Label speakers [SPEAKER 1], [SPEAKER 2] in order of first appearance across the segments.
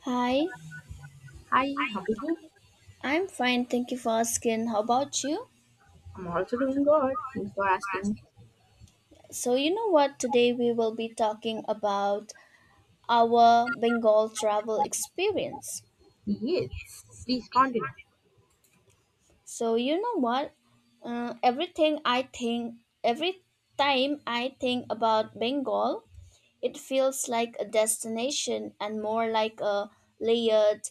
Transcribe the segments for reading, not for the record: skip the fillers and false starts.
[SPEAKER 1] Hi,
[SPEAKER 2] Hi, how are you?
[SPEAKER 1] I'm fine. Thank you for asking. How about you?
[SPEAKER 2] I'm also doing good. Thanks for asking.
[SPEAKER 1] So, you know what? Today we will be talking about our Bengal travel experience.
[SPEAKER 2] Yes, please continue.
[SPEAKER 1] So, you know what? Everything I think, every time I think about Bengal, it feels like a destination and more like a layered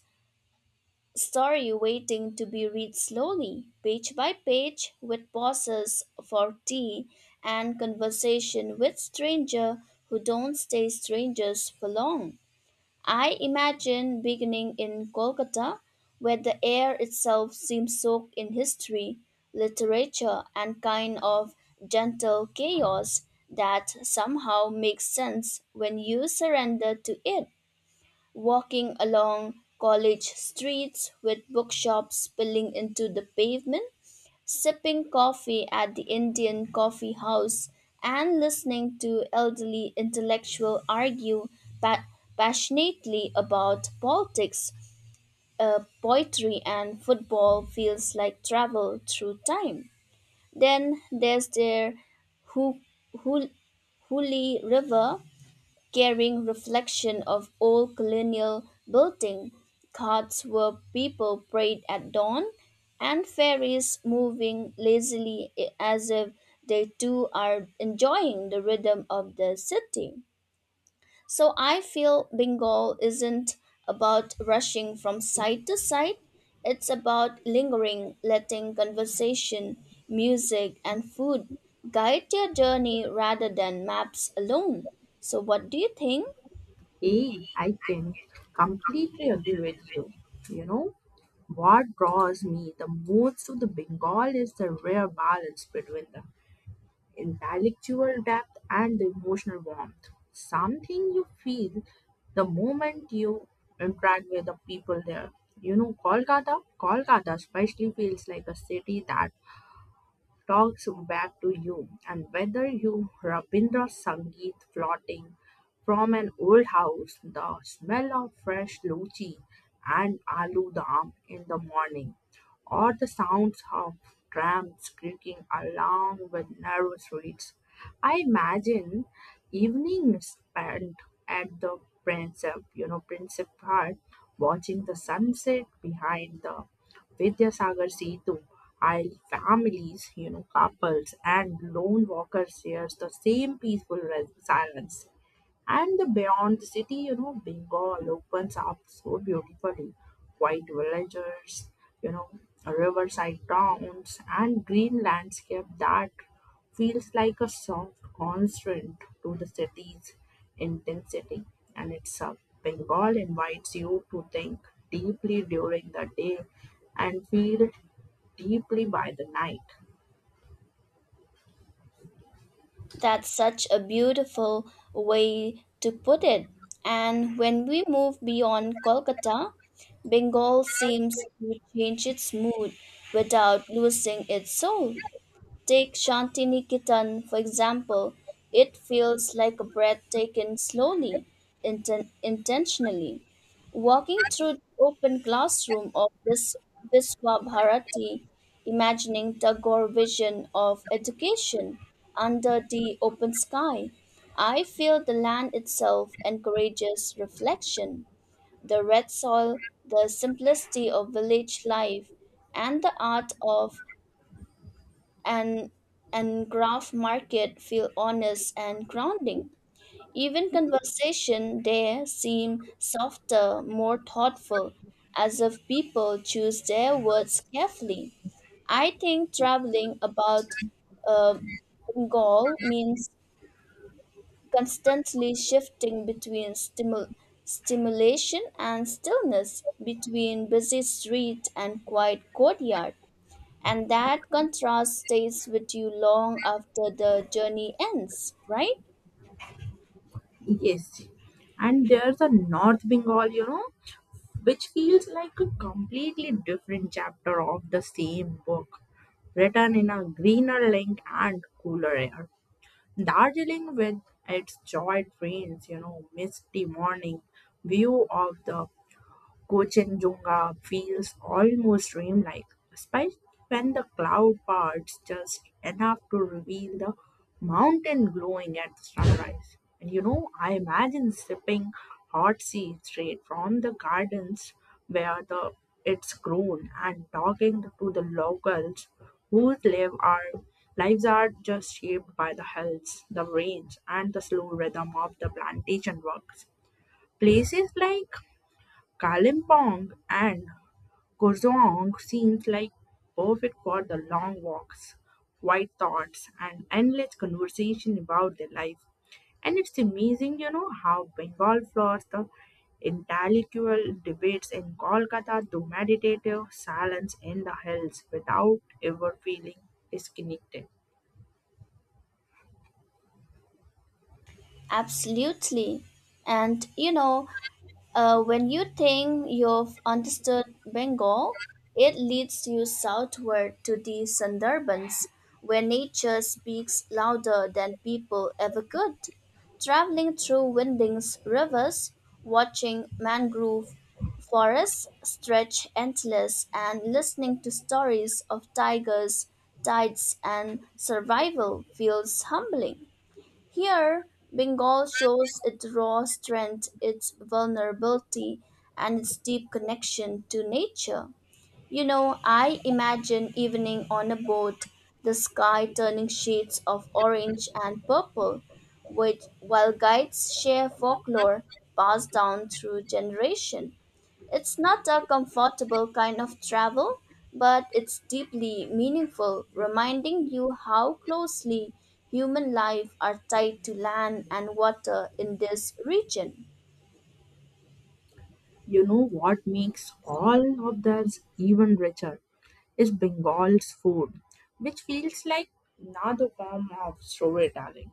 [SPEAKER 1] story waiting to be read slowly, page by page, with pauses for tea and conversation with stranger who don't stay strangers for long. I imagine beginning in Kolkata, where the air itself seems soaked in history, literature, and kind of gentle chaos that somehow makes sense when you surrender to it walking along college streets with bookshops spilling into the pavement, sipping coffee at the Indian coffee house, and listening to elderly intellectuals argue pa- passionately about politics, poetry, and football feels like travel through time. Then there's their Hu- Hu- Huli River carrying reflection of old colonial building. Carts where people prayed at dawn, and ferries moving lazily as if they too are enjoying the rhythm of the city. So I feel Bengal isn't about rushing from side to side. It's about lingering, letting conversation, music, and food guide your journey rather than maps alone. So, what do you think?
[SPEAKER 2] Hey, I can completely agree with you. You know, what draws me the most to the Bengal is the rare balance between the intellectual depth and the emotional warmth. Something you feel the moment you interact with the people there. Kolkata especially feels like a city that talks back to you, and whether you Rabindra Sangeet floating from an old house, the smell of fresh luchi and aloo dam in the morning, or the sounds of trams creaking along with narrow streets. I imagine evenings spent at the Princip Park, watching the sunset behind the Vidyasagar Setu, while families, couples and lone walkers shares the same peaceful silence. And the beyond the city, Bengal opens up so beautifully. White villages, you know, riverside towns, and green landscape that feels like a soft constant to the city's intensity. And it's a Bengal invites you to think deeply during the day and feel deeply by the night.
[SPEAKER 1] That's such a beautiful way to put it. And when we move beyond Kolkata, Bengal seems to change its mood without losing its soul. Take Shantiniketan, for example. It feels like a breath taken slowly, intentionally. Walking through the open classroom of this Viswabharati, imagining Tagore vision of education under the open sky, I feel the land itself encourages reflection. The red soil, the simplicity of village life, and the art of and and graph market feel honest and grounding. Even conversation there seem softer, more thoughtful, as if people choose their words carefully. I think traveling about uh, Bengal means constantly shifting between stimulation and stillness, between busy street and quiet courtyard. And that contrast stays with you long after the journey ends, right?
[SPEAKER 2] Yes, and there's a North Bengal, which feels like a completely different chapter of the same book, written in a greener ink and cooler air. Darjeeling, with its joy trains, misty morning view of the Gochenjunga feels almost dreamlike, especially when the cloud parts just enough to reveal the mountain glowing at sunrise. I imagine sipping hot tea straight from the gardens where the it's grown and talking to the locals whose lives are just shaped by the hills, the rains, and the slow rhythm of the plantation works. Places like Kalimpong and Kosong seems like perfect for the long walks, quiet thoughts and endless conversation about their life. And it's amazing, how Bengal floods the intellectual debates in Kolkata to meditative silence in the hills without ever feeling disconnected.
[SPEAKER 1] Absolutely. And you know, when you think you've understood Bengal, it leads you southward to the Sundarbans, where nature speaks louder than people ever could. Traveling through winding rivers, watching mangrove forests stretch endless, and listening to stories of tigers, tides, and survival feels humbling. Here, Bengal shows its raw strength, its vulnerability, and its deep connection to nature. You know, I imagine evening on a boat, the sky turning shades of orange and purple, which while guides share folklore passed down through generation. It's not a comfortable kind of travel, but it's deeply meaningful, reminding you how closely human life are tied to land and water in this region.
[SPEAKER 2] You know what makes all of this even richer is Bengal's food, which feels like another form of storytelling.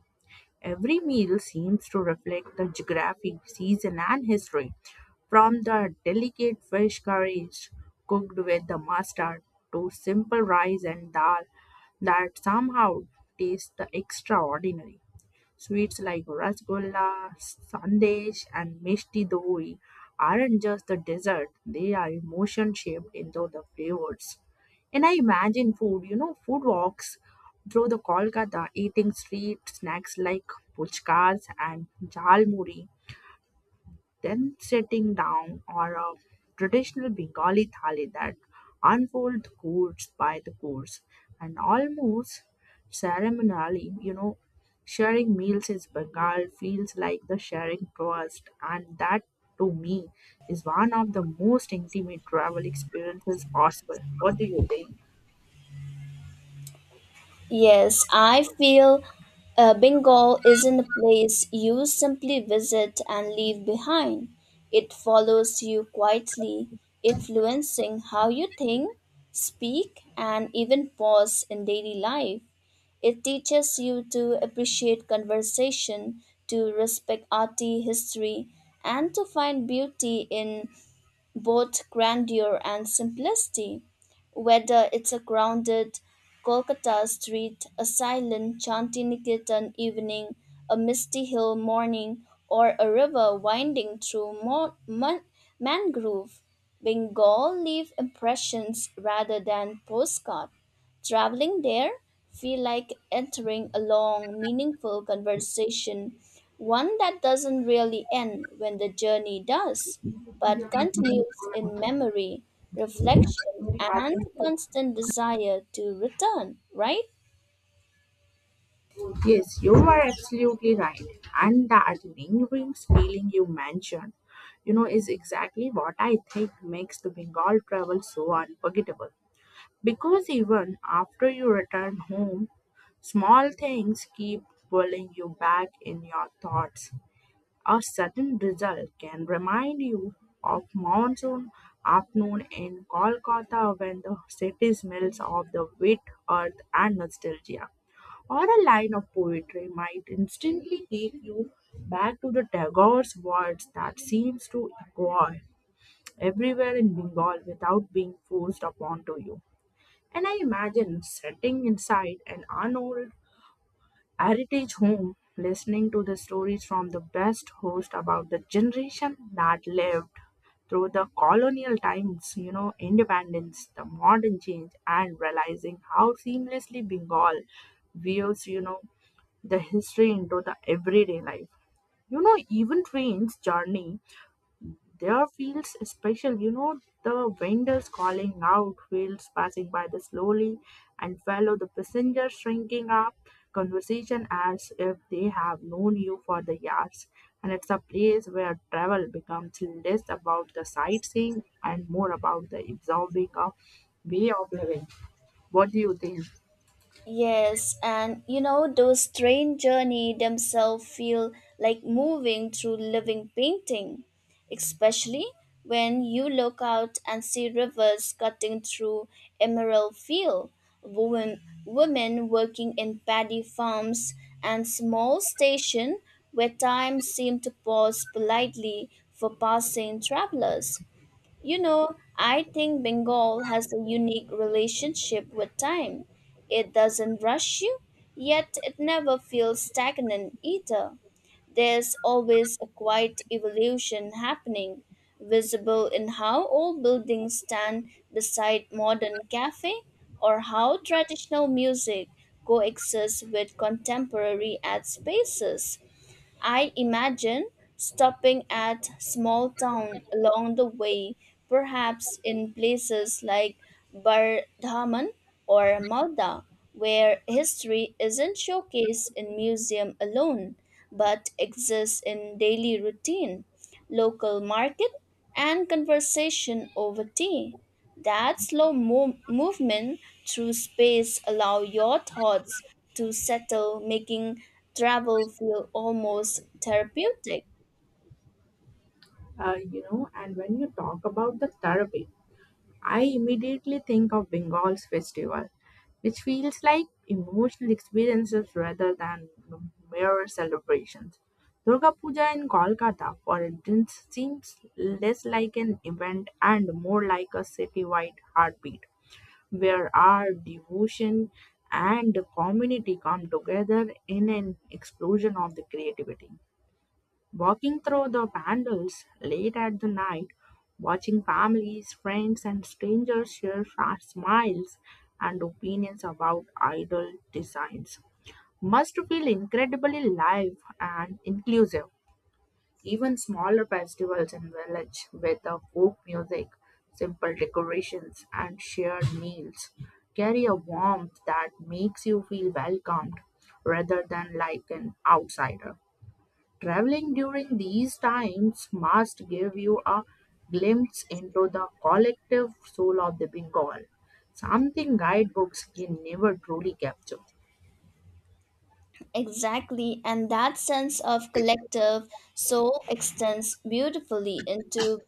[SPEAKER 2] Every meal seems to reflect the geography, season, and history, from the delicate fish curries cooked with the mustard to simple rice and dal that somehow taste the extraordinary. Sweets like rasgulla, sandesh, and mishti doi aren't just the dessert, they are emotion shaped into the flavors. And I imagine food walks through the Kolkata eating street snacks like puchkas and jhalmuri then sitting down or a traditional Bengali thali that unfolds course by the course and almost ceremonially, sharing meals is Bengal feels like the sharing trust and that to me is one of the most intimate travel experiences possible. What do you think?
[SPEAKER 1] Yes, I feel Bengal isn't a place you simply visit and leave behind. It follows you quietly, influencing how you think, speak, and even pause in daily life. It teaches you to appreciate conversation, to respect arty history, and to find beauty in both grandeur and simplicity. Whether it's a grounded Kolkata street, a silent Chantiniketan evening, a misty hill morning, or a river winding through mangrove, Bengal leave impressions rather than postcard. Traveling there feel like entering a long, meaningful conversation, one that doesn't really end when the journey does but continues in memory, reflection, and constant desire to return, right?
[SPEAKER 2] Yes, you are absolutely right. And that lingering feeling you mentioned, is exactly what I think makes the Bengal travel so unforgettable. Because even after you return home, small things keep pulling you back in your thoughts. A sudden drizzle can remind you of monsoon afternoon in Kolkata when the city smells of the wet earth and nostalgia. Or a line of poetry might instantly take you back to the Tagore's words that seems to echo everywhere in Bengal without being forced upon to you. And I imagine sitting inside an unold Heritage Home, listening to the stories from the best host about the generation that lived through the colonial times, independence, the modern change, and realizing how seamlessly Bengal weaves, the history into the everyday life. Even trains journey there feels special, the vendors calling out, wheels passing by the slowly and follow the passengers shrinking up conversation as if they have known you for the years. And it's a place where travel becomes less about the sightseeing and more about the absorbing a way of living. What do you think?
[SPEAKER 1] Yes, and you know, those train journey themselves feel like moving through living painting, especially when you look out and see rivers cutting through emerald field, women working in paddy farms and small station where time seemed to pause politely for passing travelers. You know, I think Bengal has a unique relationship with time. It doesn't rush you, yet it never feels stagnant either. There's always a quiet evolution happening, visible in how old buildings stand beside modern cafe or how traditional music coexists with contemporary ad spaces. I imagine stopping at small town along the way, perhaps in places like Bardhaman or Malda, where history isn't showcased in museum alone, but exists in daily routine, local market, and conversation over tea. That slow movement through space allow your thoughts to settle, making travel feel almost therapeutic.
[SPEAKER 2] And when you talk about the therapy, I immediately think of Bengal's festival, which feels like emotional experiences rather than mere celebrations. Durga Puja in Kolkata, for instance, seems less like an event and more like a citywide heartbeat, where our devotion and the community come together in an explosion of the creativity. Walking through the pandals late at the night, watching families, friends, and strangers share smiles and opinions about idol designs must feel incredibly live and inclusive. Even smaller festivals in village with the folk music, simple decorations, and shared meals carry a warmth that makes you feel welcomed rather than like an outsider. Traveling during these times must give you a glimpse into the collective soul of the Bengal, something guidebooks can never truly capture.
[SPEAKER 1] Exactly, and that sense of collective soul extends beautifully into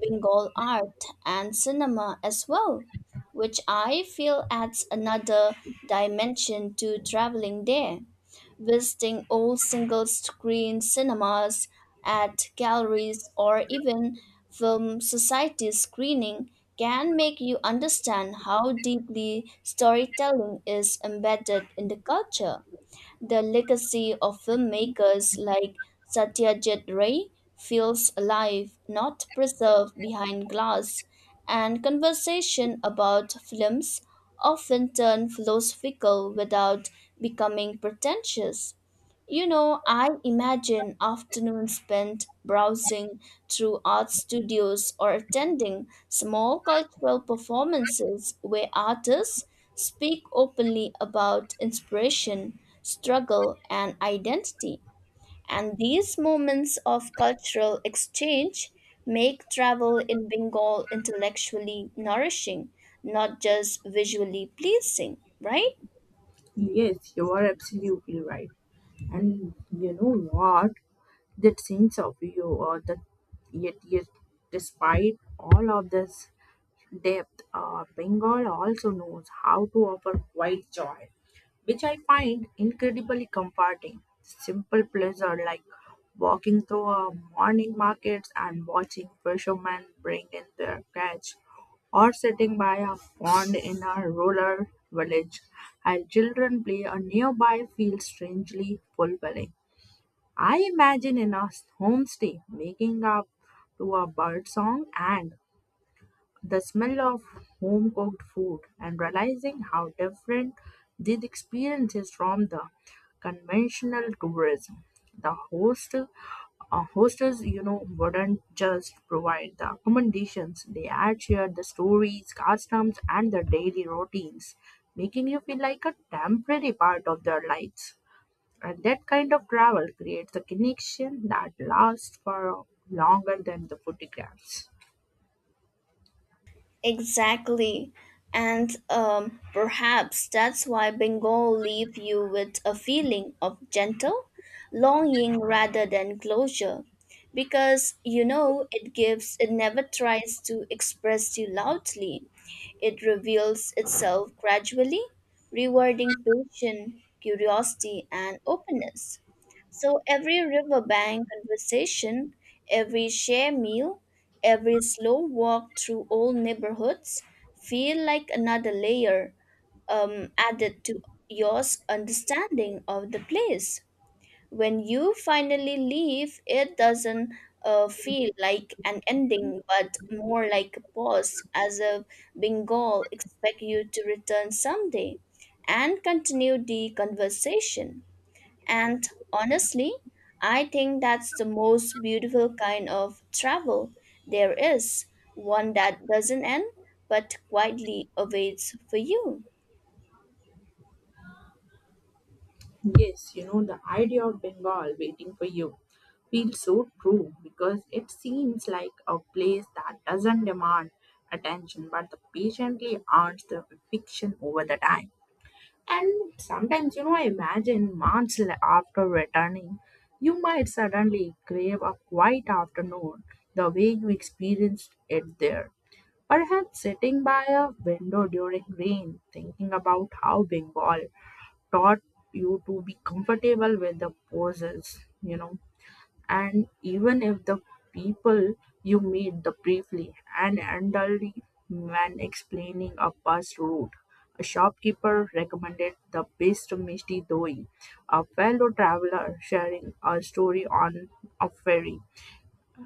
[SPEAKER 1] Bengal art and cinema as well, which I feel adds another dimension to traveling there. Visiting old single screen cinemas at galleries or even film society screening can make you understand how deeply storytelling is embedded in the culture. The legacy of filmmakers like Satyajit Ray feels alive, not preserved behind glass, and conversation about films often turn philosophical without becoming pretentious. You know, I imagine afternoons spent browsing through art studios or attending small cultural performances where artists speak openly about inspiration, struggle, and identity. And these moments of cultural exchange make travel in Bengal intellectually nourishing, not just visually pleasing, right?
[SPEAKER 2] Yes, you are absolutely right. And you know what? That sense of you or the yet despite all of this depth, Bengal also knows how to offer quiet joy, which I find incredibly comforting. Simple pleasure like walking through a morning markets and watching fishermen bring in their catch, or sitting by a pond in a rural village while children play a nearby feels strangely fulfilling. I imagine in a homestay making up to a bird song and the smell of home cooked food and realizing how different this experience is from the conventional tourism. The hostess, wouldn't just provide the accommodations; they had shared the stories, customs, and the daily routines, making you feel like a temporary part of their lives. And that kind of travel creates a connection that lasts for longer than the photographs.
[SPEAKER 1] Exactly. And perhaps that's why Bengal leave you with a feeling of gentle longing rather than closure. Because you know it gives it never tries to express you loudly. It reveals itself gradually, rewarding patience, curiosity and openness. So every riverbank conversation, every share meal, every slow walk through old neighborhoods feel like another layer added to your understanding of the place. When you finally leave, it doesn't feel like an ending, but more like a pause, as if Bengal expect you to return someday and continue the conversation. And honestly, I think that's the most beautiful kind of travel there is, one that doesn't end but quietly awaits for you.
[SPEAKER 2] Yes, the idea of Bengal waiting for you feels so true because it seems like a place that doesn't demand attention but patiently earns the affection over the time. And sometimes, I imagine months after returning, you might suddenly crave a quiet afternoon the way you experienced it there. Perhaps sitting by a window during rain, thinking about how Bengal taught you to be comfortable with the poses, and even if the people you meet the briefly and elderly man explaining a bus route. A shopkeeper recommended the best misty doi, a fellow traveler sharing a story on a ferry.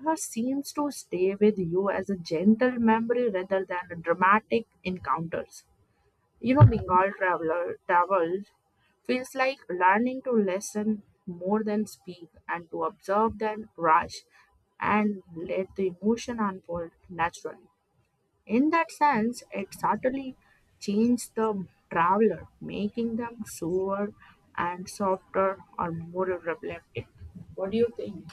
[SPEAKER 2] Seems to stay with you as a gentle memory rather than dramatic encounters. Bengal traveler travels feels like learning to listen more than speak and to observe than rush and let the emotion unfold naturally. In that sense, it subtly changes the traveler, making them slower and softer or more reflective. What do you think?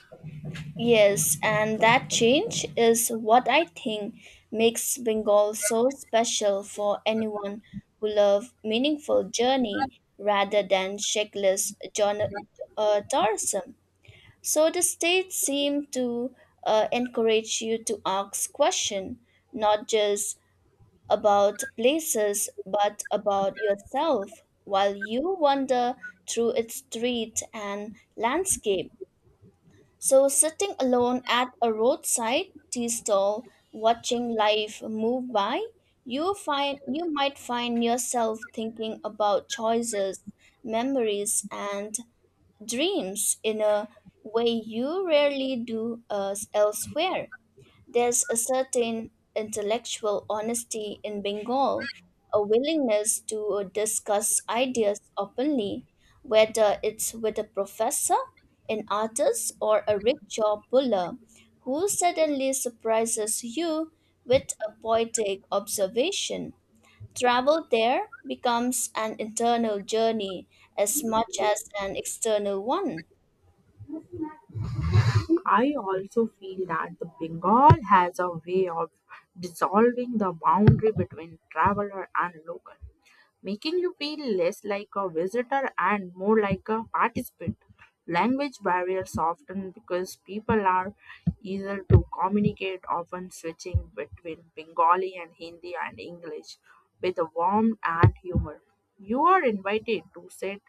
[SPEAKER 1] Yes, and that change is what I think makes Bengal so special for anyone who loves meaningful journey rather than checklist tourism. So the state seemed to encourage you to ask questions, not just about places, but about yourself, while you wander through its street and landscape. So sitting alone at a roadside tea stall, watching life move by, you might find yourself thinking about choices, memories, and dreams in a way you rarely do elsewhere. There's a certain intellectual honesty in Bengal, a willingness to discuss ideas openly, whether it's with a professor, an artist, or a rickshaw puller who suddenly surprises you with a poetic observation. Travel there becomes an internal journey as much as an external one.
[SPEAKER 2] I also feel that the Bengal has a way of dissolving the boundary between traveler and local making you feel less like a visitor and more like a participant. Language barriers often because people are easier to communicate, often switching between Bengali and Hindi and English with a warmth and humor. You are invited to sit,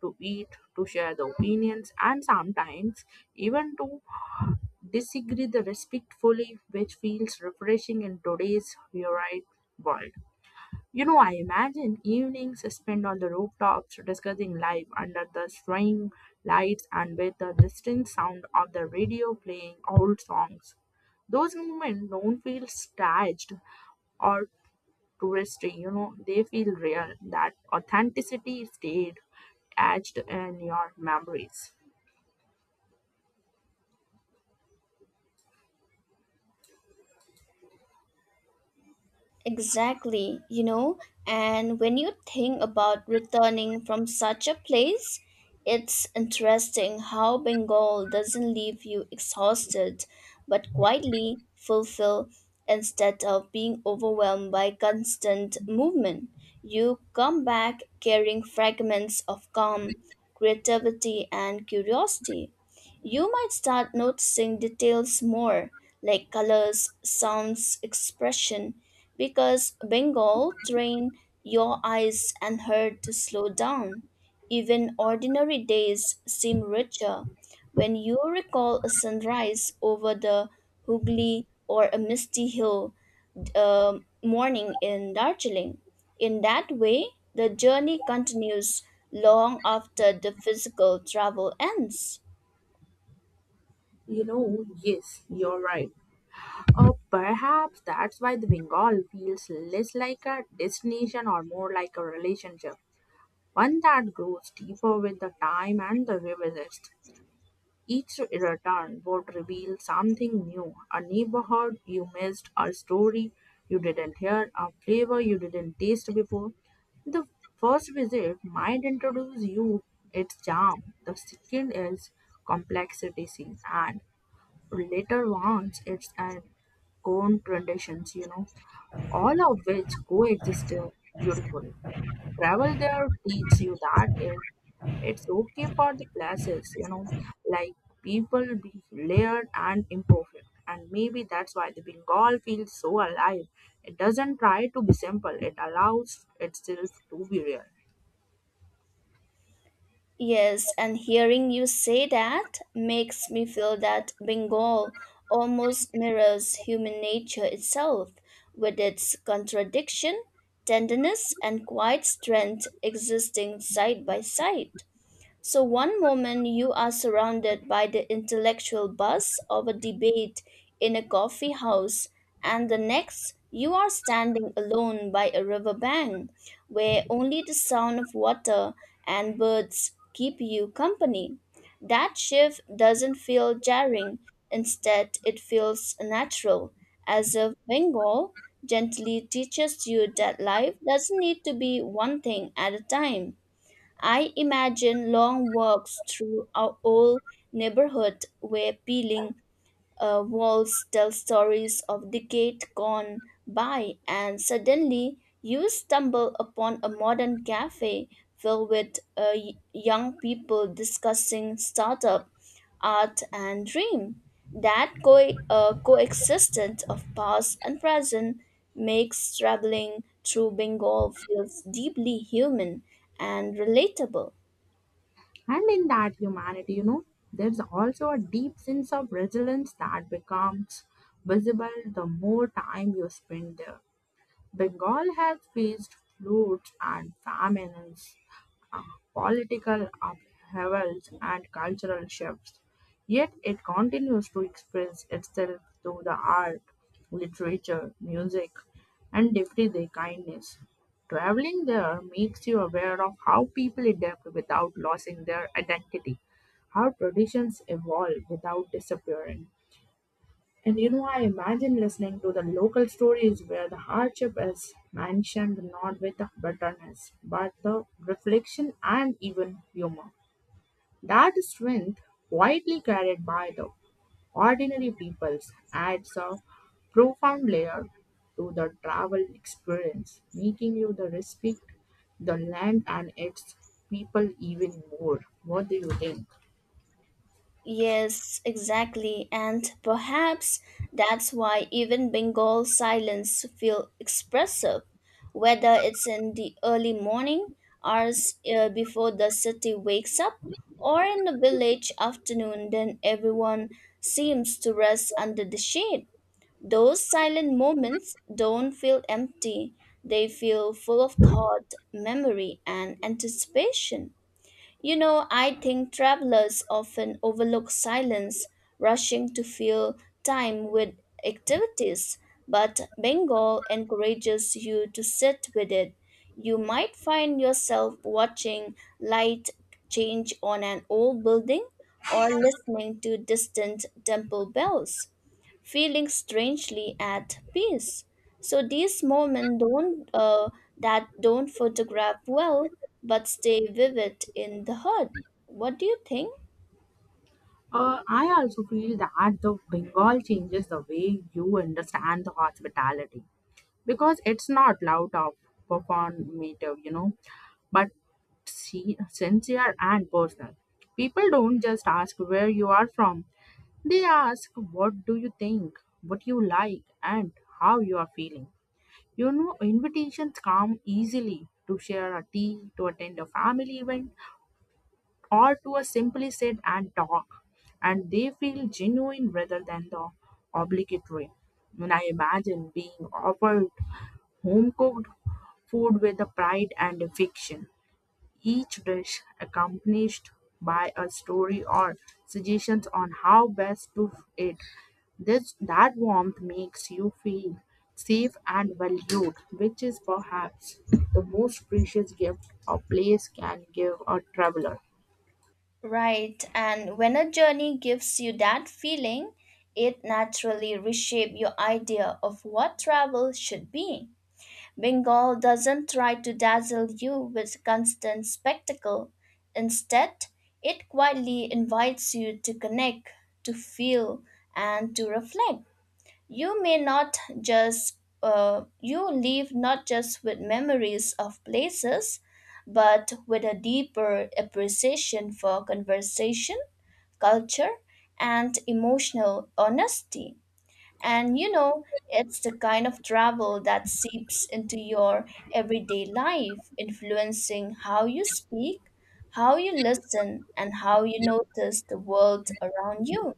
[SPEAKER 2] to eat, to share the opinions, and sometimes even to disagree the respectfully, which feels refreshing in today's varied world. I imagine evenings spent on the rooftops discussing life under the swing lights and with the distant sound of the radio playing old songs. Those moments don't feel staged or touristy, they feel real. That authenticity stayed etched in your memories.
[SPEAKER 1] Exactly, you know, and when you think about returning from such a place, it's interesting how Bengal doesn't leave you exhausted, but quietly fulfilled instead of being overwhelmed by constant movement. You come back carrying fragments of calm, creativity, and curiosity. You might start noticing details more, like colors, sounds, expression because Bengal train your eyes and heart to slow down. Even ordinary days seem richer when you recall a sunrise over the Hooghly or a misty hill morning in Darjeeling. In that way, the journey continues long after the physical travel ends.
[SPEAKER 2] Yes, you're right. Or perhaps that's why the Bengal feels less like a destination or more like a relationship. One that grows deeper with the time and the revisits. Each return would reveal something new, a neighborhood you missed, a story you didn't hear, a flavor you didn't taste before. The first visit might introduce you its charm, the second is complexity, and later ones its an own traditions, all of which coexist beautifully. Travel there teach you that it's okay for the places like people be layered and imperfect, and maybe that's why the Bengal feels so alive. It doesn't try to be simple, it allows itself to be real.
[SPEAKER 1] Yes, and hearing you say that makes me feel that Bengal almost mirrors human nature itself, with its contradiction, tenderness, and quiet strength existing side by side. So, one moment you are surrounded by the intellectual buzz of a debate in a coffee house, and the next you are standing alone by a riverbank where only the sound of water and birds keep you company. That shift doesn't feel jarring, instead, it feels natural, as if Bengal gently teaches you that life doesn't need to be one thing at a time. I imagine long walks through our old neighborhood where peeling walls tell stories of decades gone by, and suddenly you stumble upon a modern cafe filled with young people discussing startup, art, and dream. That coexistence of past and present makes traveling through Bengal feels deeply human and relatable.
[SPEAKER 2] And in that humanity, you know, there's also a deep sense of resilience that becomes visible the more time you spend there. Bengal has faced floods and famines, political upheavals and cultural shifts, yet it continues to express itself through the art, literature, music, and everyday kindness. Traveling there makes you aware of how people adapt without losing their identity, how traditions evolve without disappearing, and I imagine listening to the local stories where the hardship is mentioned not with the bitterness, but the reflection and even humor. That strength, quietly carried by the ordinary peoples, adds a profound layer to the travel experience, making you the respect the land and its people even more. What do you think?
[SPEAKER 1] Yes, exactly. And perhaps that's why even Bengal silence feel expressive, whether it's in the early morning hours before the city wakes up or in the village afternoon then everyone seems to rest under the shade. Those silent moments don't feel empty. They feel full of thought, memory, and anticipation. You know, I think travelers often overlook silence, rushing to fill time with activities, but Bengal encourages you to sit with it. You might find yourself watching light change on an old building or listening to distant temple bells feeling strangely at peace. So these moments don't that don't photograph well, but stay vivid in the heart. What do you think?
[SPEAKER 2] I also feel that the Bengal changes the way you understand the hospitality because it's not loud or performative, but see, sincere and personal. People don't just ask where you are from, they ask what do you think, what you like, and how you are feeling. Invitations come easily to share a tea, to attend a family event, or to a simply sit and talk, and they feel genuine rather than the obligatory when I imagine being offered home cooked food with the pride and affection, each dish accompanied by a story or suggestions on how best to it. This that warmth makes you feel safe and valued, which is perhaps the most precious gift a place can give a traveler.
[SPEAKER 1] Right, and when a journey gives you that feeling, it naturally reshapes your idea of what travel should be. Bengal doesn't try to dazzle you with constant spectacle. Instead, it quietly invites you to connect, to feel, and to reflect. You leave not just with memories of places, but with a deeper appreciation for conversation, culture, and emotional honesty. And you know, it's the kind of travel that seeps into your everyday life, influencing how you speak, how you listen, and how you notice the world around you.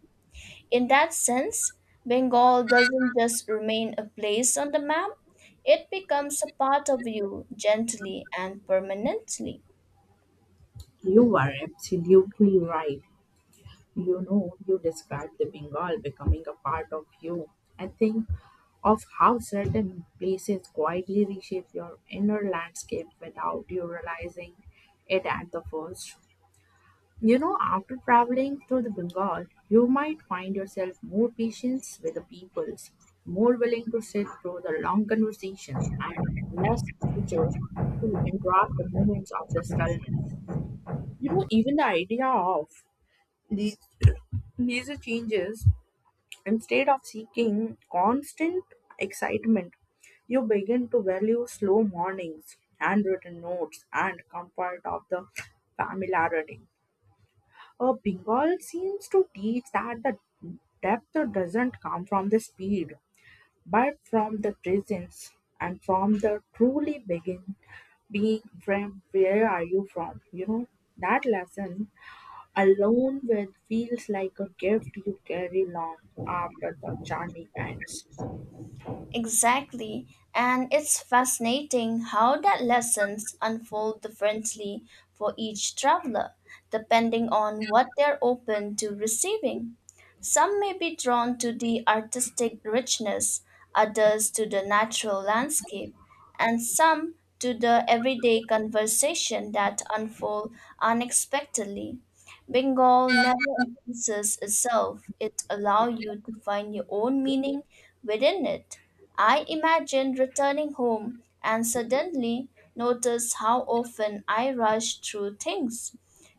[SPEAKER 1] In that sense, Bengal doesn't just remain a place on the map, it becomes a part of you gently and permanently.
[SPEAKER 2] You are absolutely right. You described the Bengal becoming a part of you. I think of how certain places quietly reshape your inner landscape without you realizing it at the first. After traveling through the Bengal, you might find yourself more patient with the peoples, more willing to sit through the long conversations, and less eager to interrupt the moments of the stillness. Even the idea of these, these changes, instead of seeking constant excitement, you begin to value slow mornings, handwritten notes, and comfort of the familiarity. Bengal seems to teach that the depth doesn't come from the speed, but from the presence and from the truly begin being from where are you from? That lesson alone with feels like a gift you carry long after the journey ends.
[SPEAKER 1] Exactly. And it's fascinating how that lessons unfold differently for each traveler, depending on what they're open to receiving. Some may be drawn to the artistic richness, others to the natural landscape, and some to the everyday conversation that unfold unexpectedly. Bengal never encompasses itself. It allows you to find your own meaning within it. I imagine returning home and suddenly notice how often I rush through things,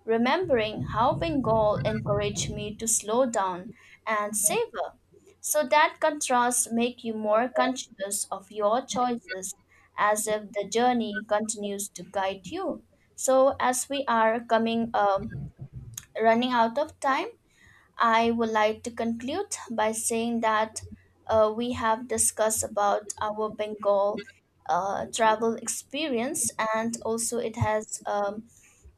[SPEAKER 1] remembering how Bengal encouraged me to slow down and savor. So that contrasts make you more conscious of your choices as if the journey continues to guide you. So as we are coming running out of time, I would like to conclude by saying that we have discussed about our Bengal travel experience, and also it has um,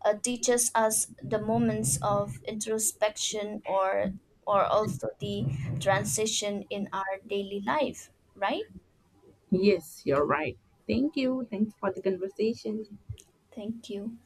[SPEAKER 1] uh, teaches us the moments of introspection or also the transition in our daily life. Right?
[SPEAKER 2] Yes, you're right. Thank you. Thanks for the conversation.
[SPEAKER 1] Thank you.